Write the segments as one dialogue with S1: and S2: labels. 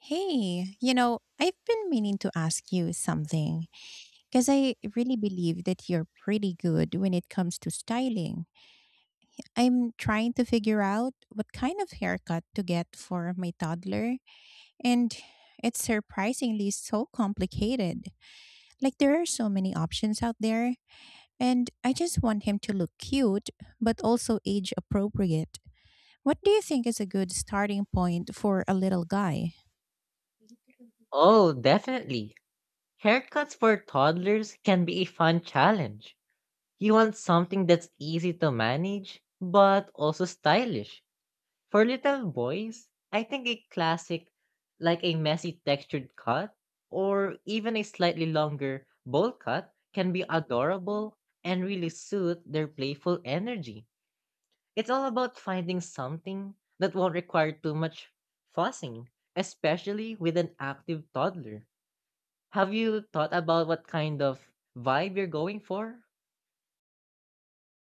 S1: Hey, you know, I've been meaning to ask you something because I really believe that you're pretty good when it comes to styling. I'm trying to figure out what kind of haircut to get for my toddler, and it's surprisingly so complicated. Like, there are so many options out there, and I just want him to look cute but also age appropriate. What do you think is a good starting point for a little guy?
S2: Oh, definitely. Haircuts for toddlers can be a fun challenge. You want something that's easy to manage, but also stylish. For little boys, I think a classic, like a messy textured cut, or even a slightly longer bowl cut, can be adorable and really suit their playful energy. It's all about finding something that won't require too much fussing, especially with an active toddler. Have you thought about what kind of vibe you're going for?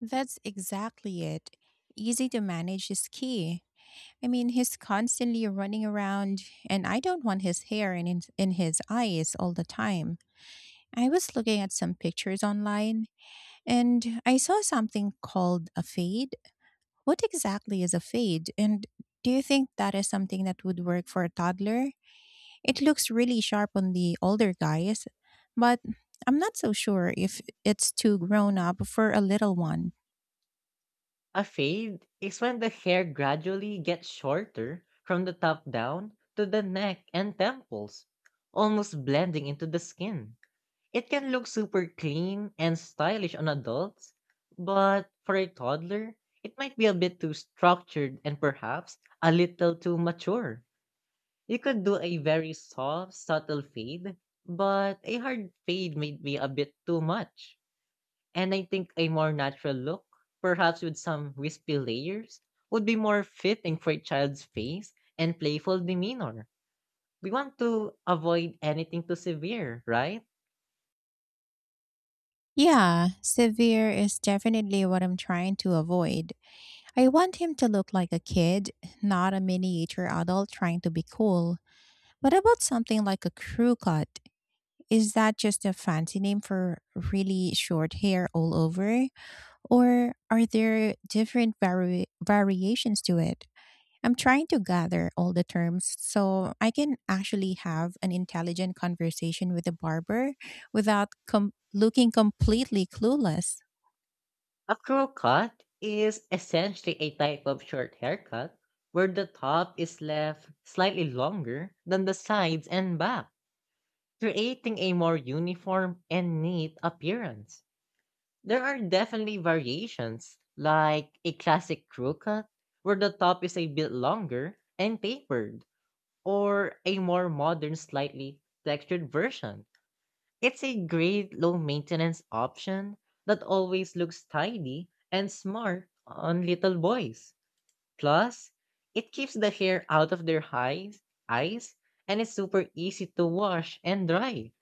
S1: That's exactly it. Easy to manage is key. I mean, he's constantly running around, and I don't want his hair in his eyes all the time. I was looking at some pictures online, and I saw something called a fade. What exactly is a fade? And do you think that is something that would work for a toddler? It looks really sharp on the older guys, but I'm not so sure if it's too grown up for a little one.
S2: A fade is when the hair gradually gets shorter from the top down to the neck and temples, almost blending into the skin. It can look super clean and stylish on adults, but for a toddler, it might be a bit too structured and perhaps a little too mature. You could do a very soft, subtle fade, but a hard fade might be a bit too much. And I think a more natural look, perhaps with some wispy layers, would be more fitting for a child's face and playful demeanor. We want to avoid anything too severe, right?
S1: Yeah, severe is definitely what I'm trying to avoid. I want him to look like a kid, not a miniature adult trying to be cool. What about something like a crew cut? Is that just a fancy name for really short hair all over? Or are there different variations to it? I'm trying to gather all the terms so I can actually have an intelligent conversation with the barber without looking completely clueless.
S2: A crow cut is essentially a type of short haircut where the top is left slightly longer than the sides and back, creating a more uniform and neat appearance. There are definitely variations, like a classic crew cut, where the top is a bit longer and tapered, or a more modern, slightly textured version. It's a great low maintenance option that always looks tidy and smart on little boys. Plus, it keeps the hair out of their eyes, and it's super easy to wash and dry,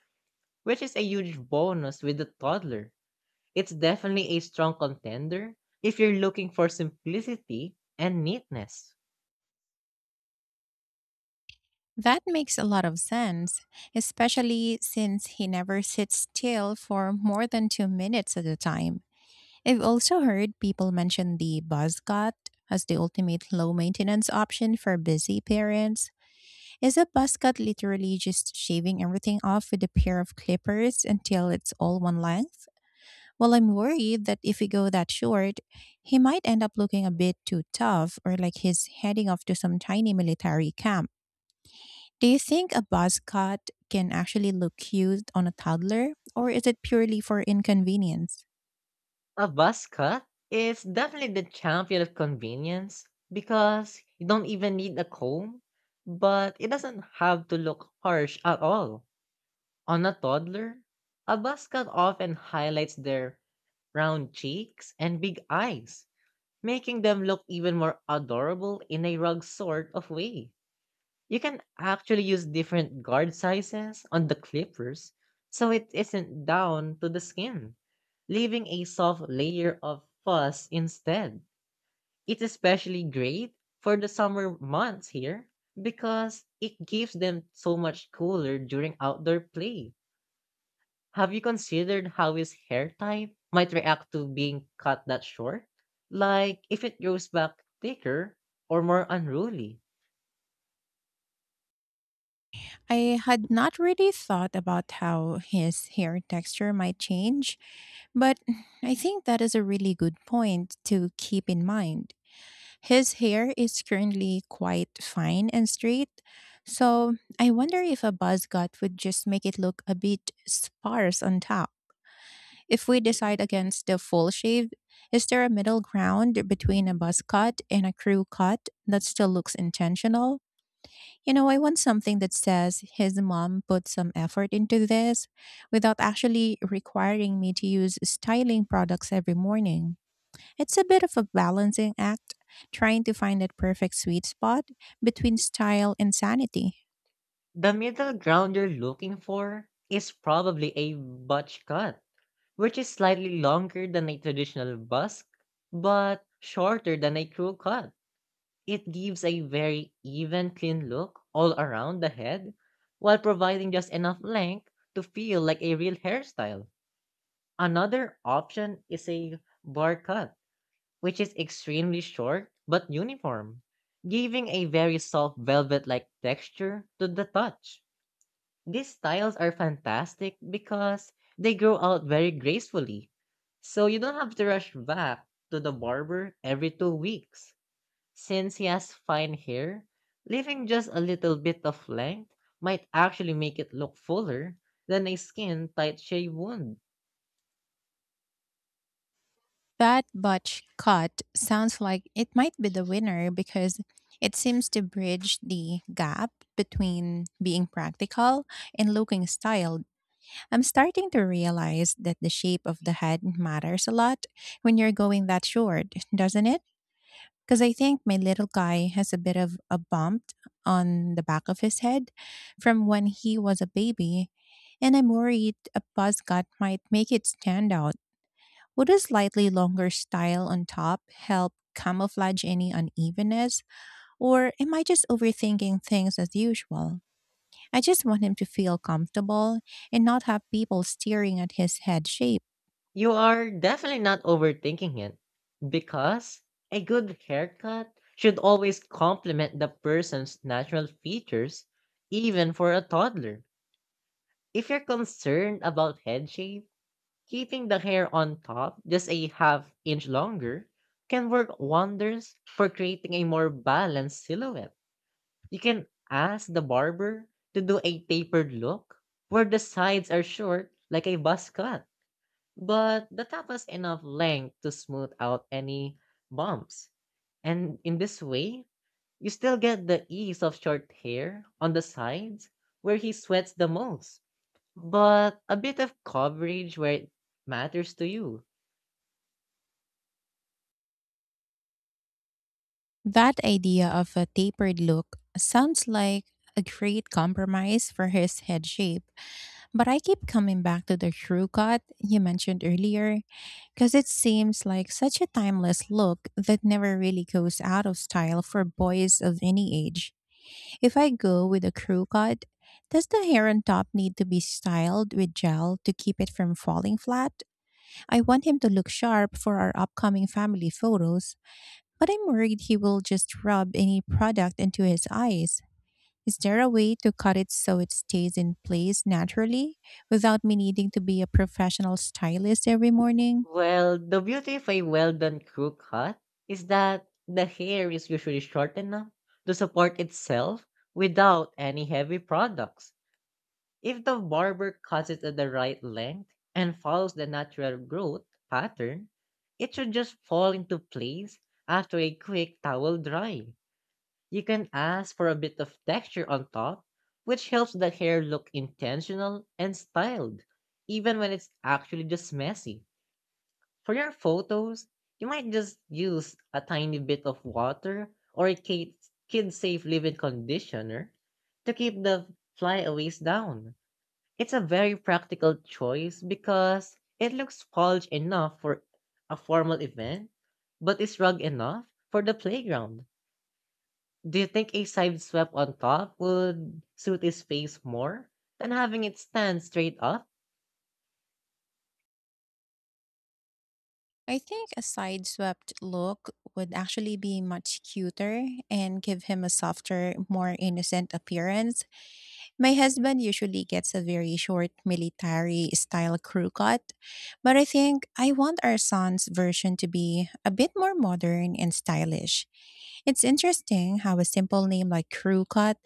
S2: which is a huge bonus with the toddler. It's definitely a strong contender if you're looking for simplicity and neatness.
S1: That makes a lot of sense, especially since he never sits still for more than 2 minutes at a time. I've also heard people mention the buzzcut as the ultimate low maintenance option for busy parents. Is a buzzcut literally just shaving everything off with a pair of clippers until it's all one length? Well, I'm worried that if we go that short, he might end up looking a bit too tough or like he's heading off to some tiny military camp. Do you think a buzz cut can actually look cute on a toddler, or is it purely for inconvenience?
S2: A buzz cut is definitely the champion of convenience because you don't even need a comb, but it doesn't have to look harsh at all. On a toddler, a buzz cut often highlights their round cheeks and big eyes, making them look even more adorable in a rug sort of way. You can actually use different guard sizes on the clippers so it isn't down to the skin, leaving a soft layer of fuzz instead. It's especially great for the summer months here because it keeps them so much cooler during outdoor play. Have you considered how his hair type might react to being cut that short? Like if it grows back thicker or more unruly?
S1: I had not really thought about how his hair texture might change, but I think that is a really good point to keep in mind. His hair is currently quite fine and straight, so I wonder if a buzz cut would just make it look a bit sparse on top. If we decide against the full shave, is there a middle ground between a buzz cut and a crew cut that still looks intentional? You know, I want something that says his mom put some effort into this without actually requiring me to use styling products every morning. It's a bit of a balancing act, trying to find that perfect sweet spot between style and sanity.
S2: The middle ground you're looking for is probably a butch cut, which is slightly longer than a traditional busk, but shorter than a crew cut. It gives a very even, clean look all around the head, while providing just enough length to feel like a real hairstyle. Another option is a bar cut, which is extremely short but uniform, giving a very soft velvet like texture to the touch. These styles are fantastic because they grow out very gracefully. So you don't have to rush back to the barber every 2 weeks. Since he has fine hair, leaving just a little bit of length might actually make it look fuller than a skin tight shave would.
S1: That butch cut sounds like it might be the winner because it seems to bridge the gap between being practical and looking styled. I'm starting to realize that the shape of the head matters a lot when you're going that short, doesn't it? Because I think my little guy has a bit of a bump on the back of his head from when he was a baby, and I'm worried a buzz cut might make it stand out. Would a slightly longer style on top help camouflage any unevenness, or am I just overthinking things as usual? I just want him to feel comfortable and not have people staring at his head shape.
S2: You are definitely not overthinking it, because a good haircut should always complement the person's natural features, even for a toddler. If you're concerned about head shape, keeping the hair on top just a half inch longer can work wonders for creating a more balanced silhouette. You can ask the barber to do a tapered look where the sides are short like a buzz cut, but the top has enough length to smooth out any bumps. And in this way, you still get the ease of short hair on the sides where he sweats the most, but a bit of coverage where it matters to you.
S1: That idea of a tapered look sounds like a great compromise for his head shape. But I keep coming back to the shrew cut you mentioned earlier because it seems like such a timeless look that never really goes out of style for boys of any age. If I go with a crew cut, does the hair on top need to be styled with gel to keep it from falling flat? I want him to look sharp for our upcoming family photos, but I'm worried he will just rub any product into his eyes. Is there a way to cut it so it stays in place naturally without me needing to be a professional stylist every morning?
S2: Well, the beauty of a well done crew cut is that the hair is usually short enough to support itself without any heavy products. If the barber cuts it at the right length and follows the natural growth pattern, it should just fall into place after a quick towel dry. You can ask for a bit of texture on top, which helps the hair look intentional and styled, even when it's actually just messy. For your photos, you might just use a tiny bit of water or a kid safe leave-in conditioner to keep the flyaways down. It's a very practical choice because it looks polished enough for a formal event, but is rugged enough for the playground. Do you think a side swept on top would suit his face more than having it stand straight up?
S1: I think a side swept look would actually be much cuter and give him a softer, more innocent appearance. My husband usually gets a very short military style crew cut, but I think I want our son's version to be a bit more modern and stylish. It's interesting how a simple name like crew cut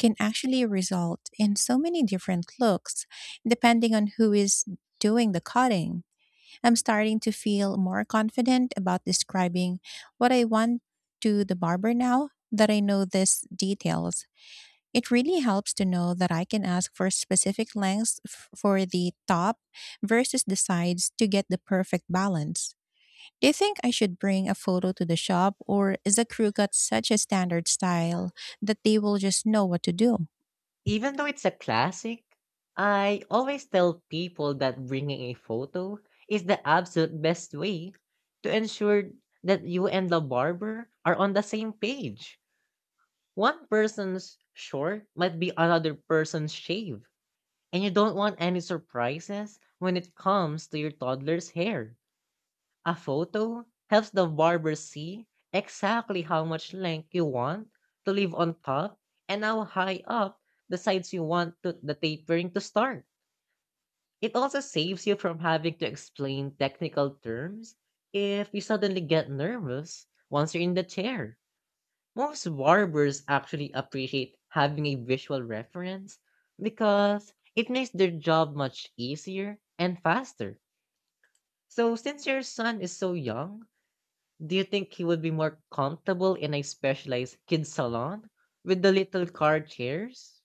S1: can actually result in so many different looks depending on who is doing the cutting. I'm starting to feel more confident about describing what I want to the barber now that I know these details. It really helps to know that I can ask for specific lengths for the top versus the sides to get the perfect balance. Do you think I should bring a photo to the shop, or is the crew got such a standard style that they will just know what to do?
S2: Even though it's a classic, I always tell people that bringing a photo is the absolute best way to ensure that you and the barber are on the same page. One person's short might be another person's shave, and you don't want any surprises when it comes to your toddler's hair. A photo helps the barber see exactly how much length you want to leave on top and how high up the sides the tapering to start. It also saves you from having to explain technical terms if you suddenly get nervous once you're in the chair. Most barbers actually appreciate having a visual reference because it makes their job much easier and faster. So, since your son is so young, do you think he would be more comfortable in a specialized kid salon with the little car chairs?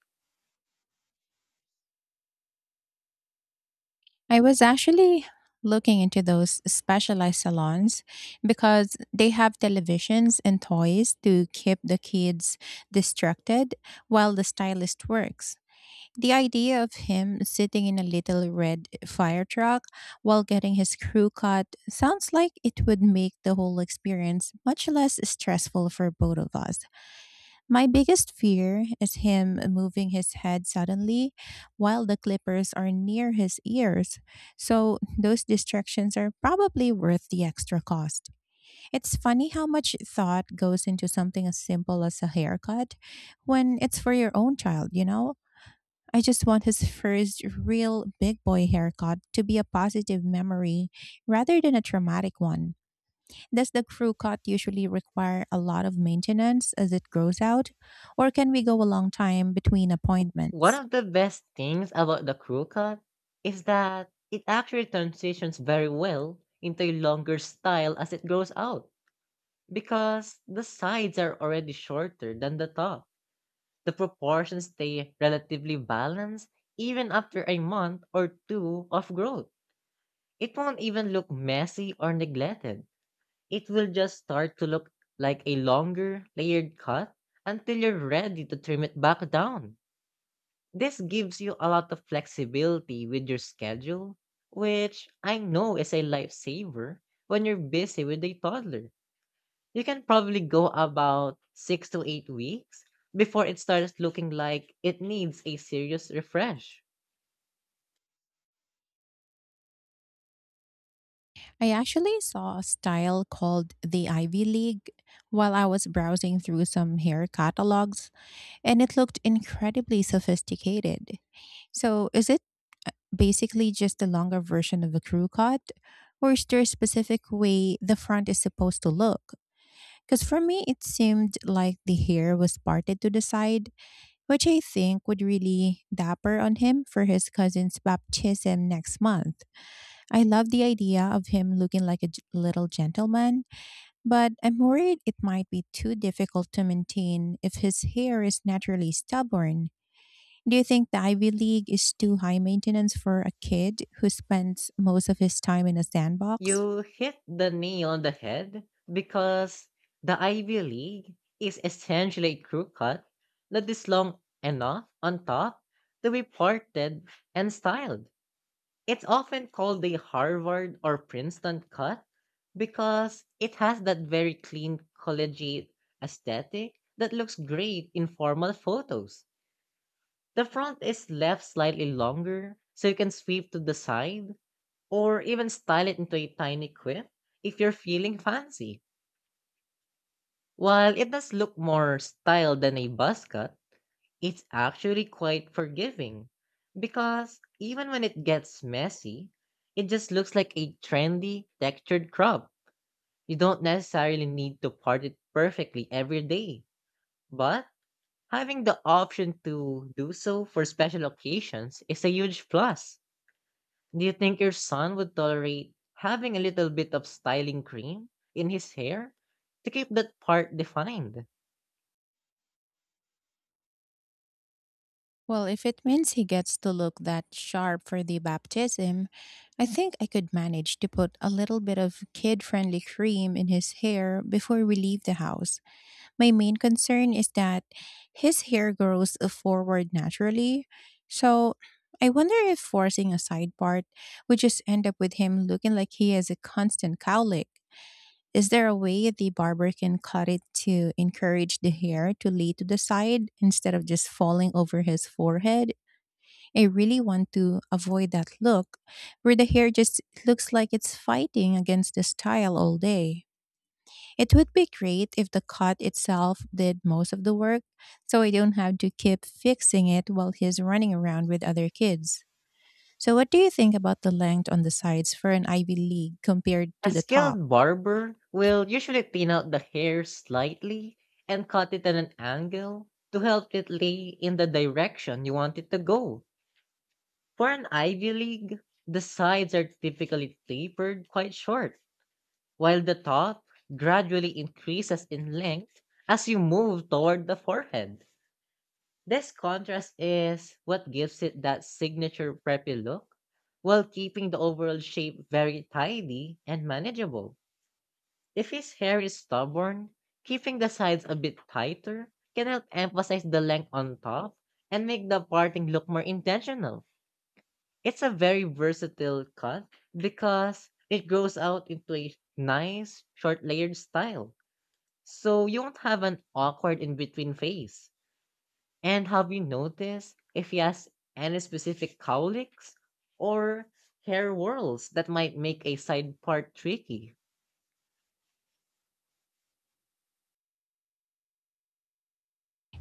S1: I was actually looking into those specialized salons because they have televisions and toys to keep the kids distracted while the stylist works. The idea of him sitting in a little red fire truck while getting his crew cut sounds like it would make the whole experience much less stressful for both of us. My biggest fear is him moving his head suddenly while the clippers are near his ears. So, those distractions are probably worth the extra cost. It's funny how much thought goes into something as simple as a haircut when it's for your own child, you know? I just want his first real big boy haircut to be a positive memory rather than a traumatic one. Does the crew cut usually require a lot of maintenance as it grows out, or can we go a long time between
S2: One
S1: appointments?
S2: of the best things about the crew cut is that it actually transitions very well into a longer style as it grows out, because the sides are already shorter than the top. The proportions stay relatively balanced even after a month or two of growth. It won't even look messy or neglected. It will just start to look like a longer, layered cut until you're ready to trim it back down. This gives you a lot of flexibility with your schedule, which I know is a lifesaver when you're busy with a toddler. You can probably go about 6 to 8 weeks before it starts looking like it needs a serious refresh.
S1: I actually saw a style called the Ivy League while I was browsing through some hair catalogs, and it looked incredibly sophisticated. So, is it basically just a longer version of a crew cut, or is there a specific way the front is supposed to look? Because for me, it seemed like the hair was parted to the side, which I think would really dapper on him for his cousin's baptism next month. I love the idea of him looking like a little gentleman, but I'm worried it might be too difficult to maintain if his hair is naturally stubborn. Do you think the Ivy League is too high maintenance for a kid who spends most of his time in a sandbox?
S2: You hit the nail on the head, because the Ivy League is essentially a crew cut that is long enough on top to be parted and styled. It's often called the Harvard or Princeton cut because it has that very clean collegiate aesthetic that looks great in formal photos. The front is left slightly longer, so you can sweep to the side or even style it into a tiny quip if you're feeling fancy. While it does look more styled than a buzz cut, it's actually quite forgiving, because even when it gets messy, it just looks like a trendy, textured crop. You don't necessarily need to part it perfectly every day, but having the option to do so for special occasions is a huge plus. Do you think your son would tolerate having a little bit of styling cream in his hair to keep that part defined?
S1: Well, if it means he gets to look that sharp for the baptism, I think I could manage to put a little bit of kid friendly cream in his hair before we leave the house. My main concern is that his hair grows forward naturally. So I wonder if forcing a side part would just end up with him looking like he has a constant cowlick. Is there a way the barber can cut it to encourage the hair to lay to the side instead of just falling over his forehead? I really want to avoid that look where the hair just looks like it's fighting against the style all day. It would be great if the cut itself did most of the work so I don't have to keep fixing it while he's running around with other kids. So, what do you think about the length on the sides for an Ivy League compared to
S2: A
S1: the top?
S2: skilled barber will usually thin out the hair slightly and cut it at an angle to help it lay in the direction you want it to go. For an Ivy League, the sides are typically tapered quite short while the top gradually increases in length as you move toward the forehead. This contrast is what gives it that signature preppy look while keeping the overall shape very tidy and manageable. If his hair is stubborn, keeping the sides a bit tighter can help emphasize the length on top and make the parting look more intentional. It's a very versatile cut because it grows out into a nice, short layered style. So you won't have an awkward in between phase. And have you noticed if he has any specific cowlicks or hair whirls that might make a side part tricky?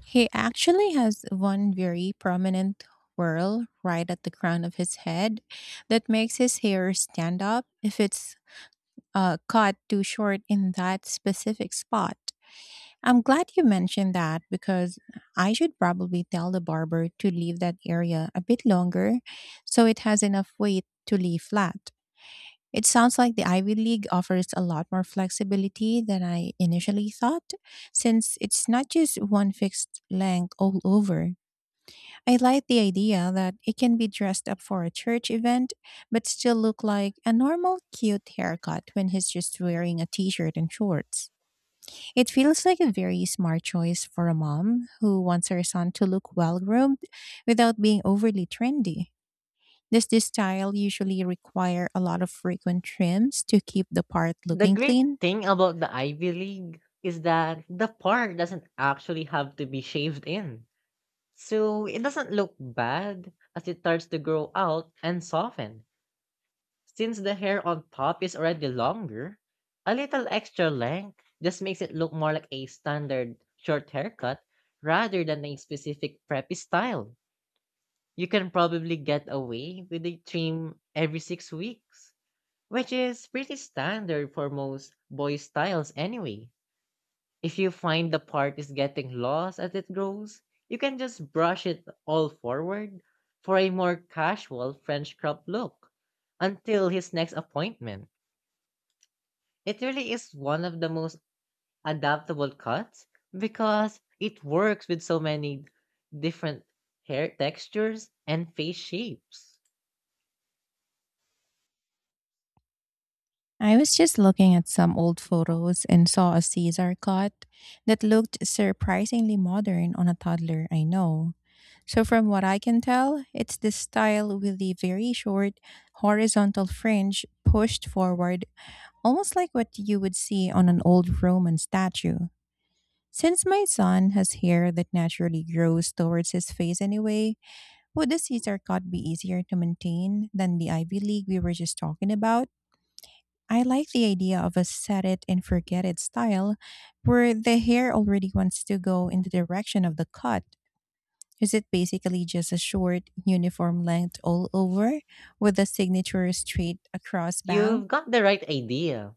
S1: He actually has one very prominent whirl right at the crown of his head that makes his hair stand up if it's cut too short in that specific spot. I'm glad you mentioned that because I should probably tell the barber to leave that area a bit longer so it has enough weight to lay flat. It sounds like the Ivy League offers a lot more flexibility than I initially thought since it's not just one fixed length all over. I like the idea that it can be dressed up for a church event, but still look like a normal, cute haircut when he's just wearing a t shirt and shorts. It feels like a very smart choice for a mom who wants her son to look well groomed without being overly trendy. Does this style usually require a lot of frequent trims to keep the part
S2: The
S1: looking
S2: great
S1: clean?
S2: thing about the Ivy League is that the part doesn't actually have to be shaved in. So it doesn't look bad as it starts to grow out and soften. Since the hair on top is already longer, a little extra length just makes it look more like a standard short haircut rather than a specific preppy style. You can probably get away with a trim every 6 weeks, which is pretty standard for most boy styles anyway. If you find the part is getting lost as it grows, you can just brush it all forward for a more casual French crop look until his next appointment. It really is one of the most adaptable cuts because it works with so many different hair textures and face shapes.
S1: I was just looking at some old photos and saw a Caesar cut that looked surprisingly modern on a toddler I know. So, from what I can tell, it's this style with the very short horizontal fringe pushed forward, almost like what you would see on an old Roman statue. Since my son has hair that naturally grows towards his face anyway, would the Caesar cut be easier to maintain than the Ivy League we were just talking about? I like the idea of a set it and forget it style where the hair already wants to go in the direction of the cut. Is it basically just a short, uniform length all over with a signature straight across bang?
S2: You've got the right idea,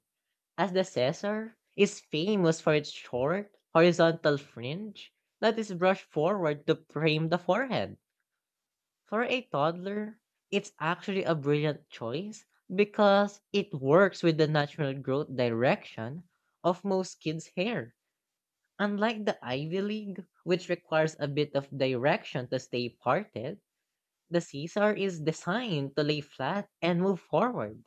S2: as the Caesar is famous for its short, horizontal fringe that is brushed forward to frame the forehead. For a toddler, it's actually a brilliant choice because it works with the natural growth direction of most kids' hair. Unlike the Ivy League, which requires a bit of direction to stay parted, the Caesar is designed to lay flat and move forward.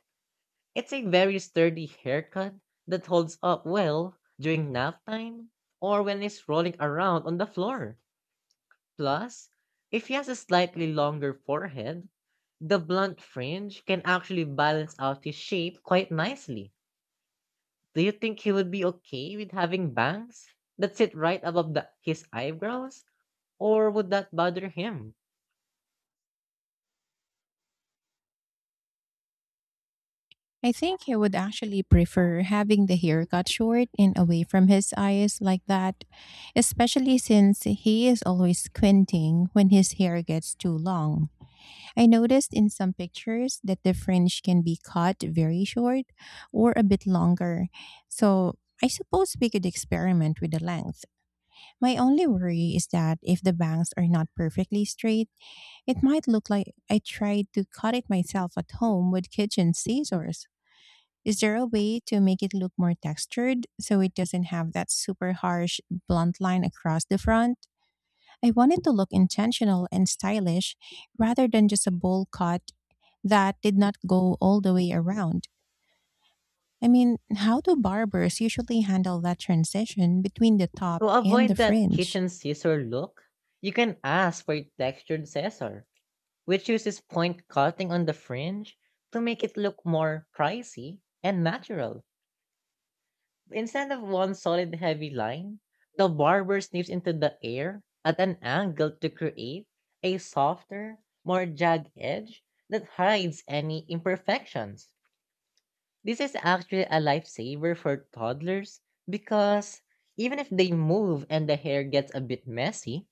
S2: It's a very sturdy haircut that holds up well during nap time or when it's rolling around on the floor. Plus, if he has a slightly longer forehead, the blunt fringe can actually balance out his shape quite nicely. Do you think he would be okay with having bangs that sit right above his eyebrows, or would that bother him?
S1: I think he would actually prefer having the hair cut short and away from his eyes like that, especially since he is always squinting when his hair gets too long. I noticed in some pictures that the fringe can be cut very short or a bit longer. So I suppose we could experiment with the length. My only worry is that if the bangs are not perfectly straight, it might look like I tried to cut it myself at home with kitchen scissors. Is there a way to make it look more textured so it doesn't have that super harsh blunt line across the front? I wanted to look intentional and stylish rather than just a bowl cut that did not go all the way around. I mean, how do barbers usually handle that transition between the top
S2: To
S1: and the
S2: avoid that
S1: fringe?
S2: kitchen scissor look, you can ask for a textured scissor, which uses point cutting on the fringe to make it look more pricey and natural. Instead of one solid heavy line, the barber snips into the air at an angle to create a softer, more jagged edge that hides any imperfections. This is actually a lifesaver for toddlers, because even if they move and the hair gets a bit messy,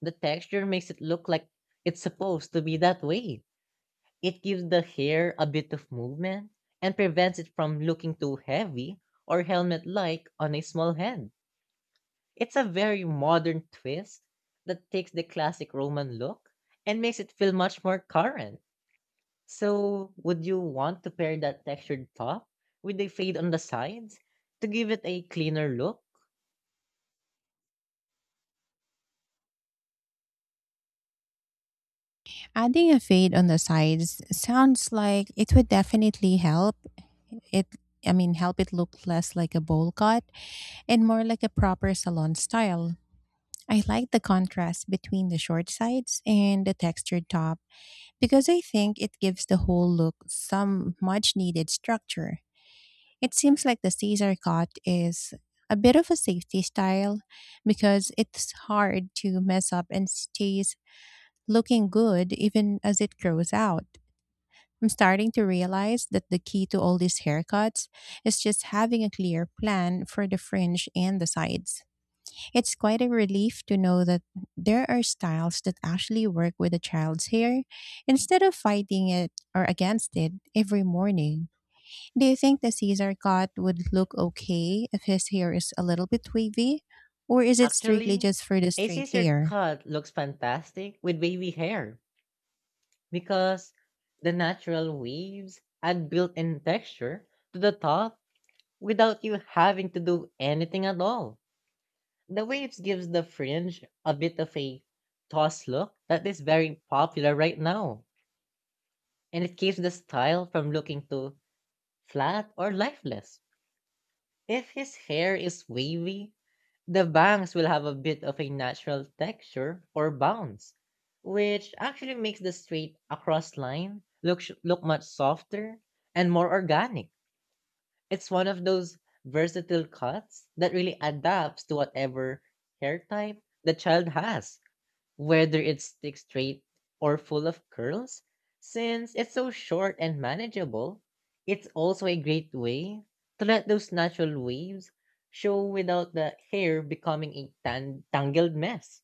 S2: the texture makes it look like it's supposed to be that way. It gives the hair a bit of movement and prevents it from looking too heavy or helmet like on a small head. It's a very modern twist that takes the classic Roman look and makes it feel much more current. So, would you want to pair that textured top with a fade on the sides to give it a cleaner look?
S1: Adding a fade on the sides sounds like it would definitely help. It I mean, help it look less like a bowl cut and more like a proper salon style. I like the contrast between the short sides and the textured top because I think it gives the whole look some much needed structure. It seems like the Caesar cut is a bit of a safety style because it's hard to mess up and stays looking good even as it grows out. I'm starting to realize that the key to all these haircuts is just having a clear plan for the fringe and the sides. It's quite a relief to know that there are styles that actually work with a child's hair instead of fighting it or against it every morning. Do you think the Caesar cut would look okay if his hair is a little bit wavy? Or is it strictly
S2: Actually,
S1: just for the
S2: a
S1: straight
S2: scissor
S1: hair?
S2: cut looks fantastic with wavy hair, because the natural waves add built in texture to the top without you having to do anything at all. The waves gives the fringe a bit of a toss look that is very popular right now, and it keeps the style from looking too flat or lifeless. If his hair is wavy, the bangs will have a bit of a natural texture or bounce, which actually makes the straight across line look much softer and more organic. It's one of those versatile cuts that really adapts to whatever hair type the child has, whether it's stick straight or full of curls. Since it's so short and manageable, it's also a great way to let those natural waves show without the hair becoming a tangled mess.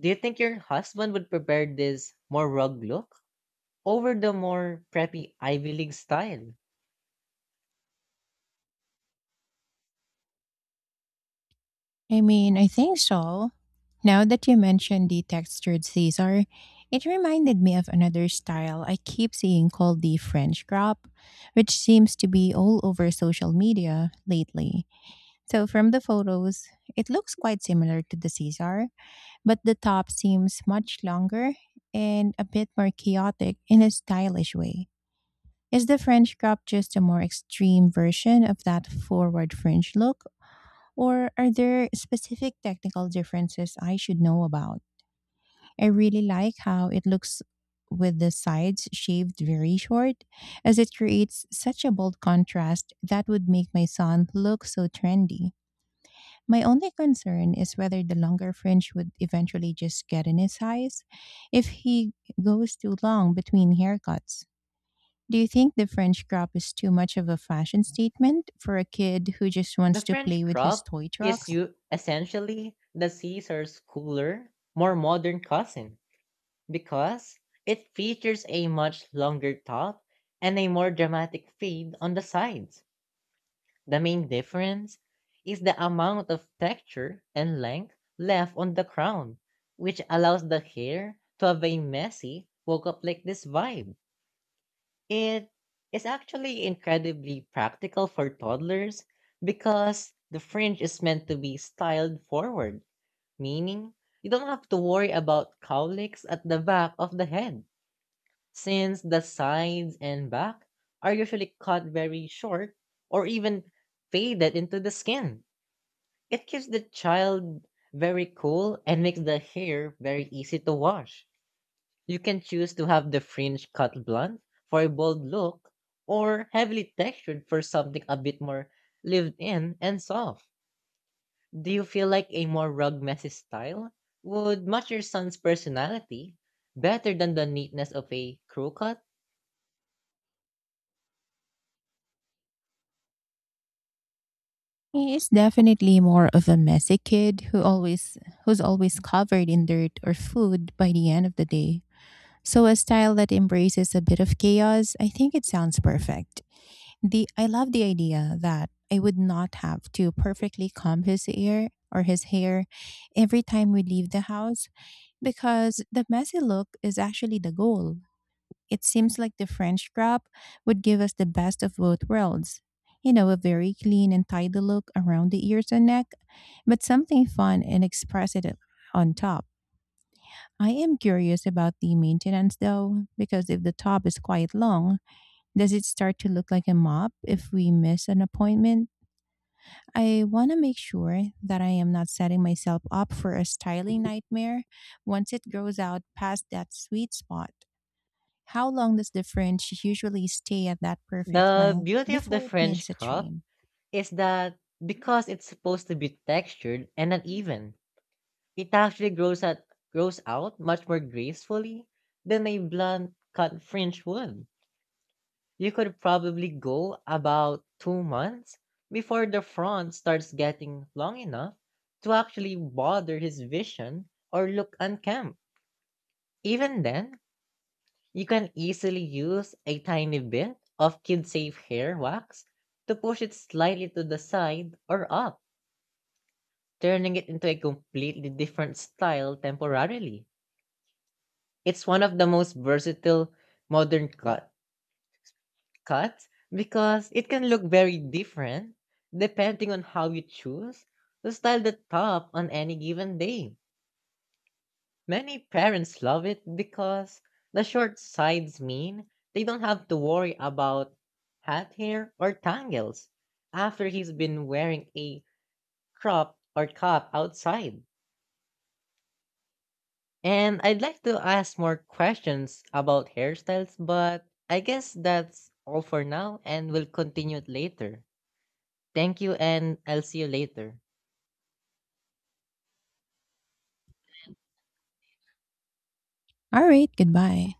S2: Do you think your husband would prefer this more rugged look over the more preppy Ivy League style?
S1: I mean, I think so. Now that you mentioned the textured Caesar, it reminded me of another style I keep seeing called the French crop, which seems to be all over social media lately. So from the photos, it looks quite similar to the Caesar, but the top seems much longer and a bit more chaotic in a stylish way. Is the French crop just a more extreme version of that forward fringe look? Or are there specific technical differences I should know about? I really like how it looks with the sides shaved very short, as it creates such a bold contrast that would make my son look so trendy. My only concern is whether the longer fringe would eventually just get in his eyes if he goes too long between haircuts. Do you think the French crop is too much of a fashion statement for a kid who just
S2: The
S1: wants to play
S2: French
S1: with his
S2: crop
S1: toy
S2: is
S1: trucks?
S2: you essentially the Caesar's cooler, more modern cousin, because it features a much longer top and a more dramatic fade on the sides. The main difference is the amount of texture and length left on the crown, which allows the hair to have a messy, woke up like this vibe. It is actually incredibly practical for toddlers, because the fringe is meant to be styled forward, meaning you don't have to worry about cowlicks at the back of the head, since the sides and back are usually cut very short or even faded into the skin. It keeps the child very cool and makes the hair very easy to wash. You can choose to have the fringe cut blunt for a bold look, or heavily textured for something a bit more lived in and soft. Do you feel like a more rug messy style would match your son's personality better than the neatness of a crew cut?
S1: He is definitely more of a messy kid who's always covered in dirt or food by the end of the day. So a style that embraces a bit of chaos, I think it sounds perfect. The I love the idea that I would not have to perfectly comb his ear or his hair every time we leave the house because the messy look is actually the goal. It seems like the French crop would give us the best of both worlds. You know, a very clean and tidy look around the ears and neck, but something fun and expressive on top. I am curious about the maintenance though, because if the top is quite long, does it start to look like a mop if we miss an appointment? I want to make sure that I am not setting myself up for a styling nightmare once it grows out past that sweet spot. How long does the fringe usually stay at that perfect
S2: The
S1: length
S2: beauty of the
S1: before it
S2: French
S1: needs a
S2: crop
S1: trim?
S2: is that, because it's supposed to be textured and uneven, it actually grows out much more gracefully than a blunt cut French would. You could probably go about 2 months before the front starts getting long enough to actually bother his vision or look unkempt. Even then, you can easily use a tiny bit of kid-safe hair wax to push it slightly to the side or up, turning it into a completely different style temporarily. It's one of the most versatile modern cuts, because it can look very different depending on how you choose to style the top on any given day. Many parents love it because the short sides mean they don't have to worry about hat hair or tangles after he's been wearing a crop or cap outside. And I'd like to ask more questions about hairstyles, but I guess that's all for now and we'll continue it later. Thank you, and I'll see you later.
S1: All right, goodbye.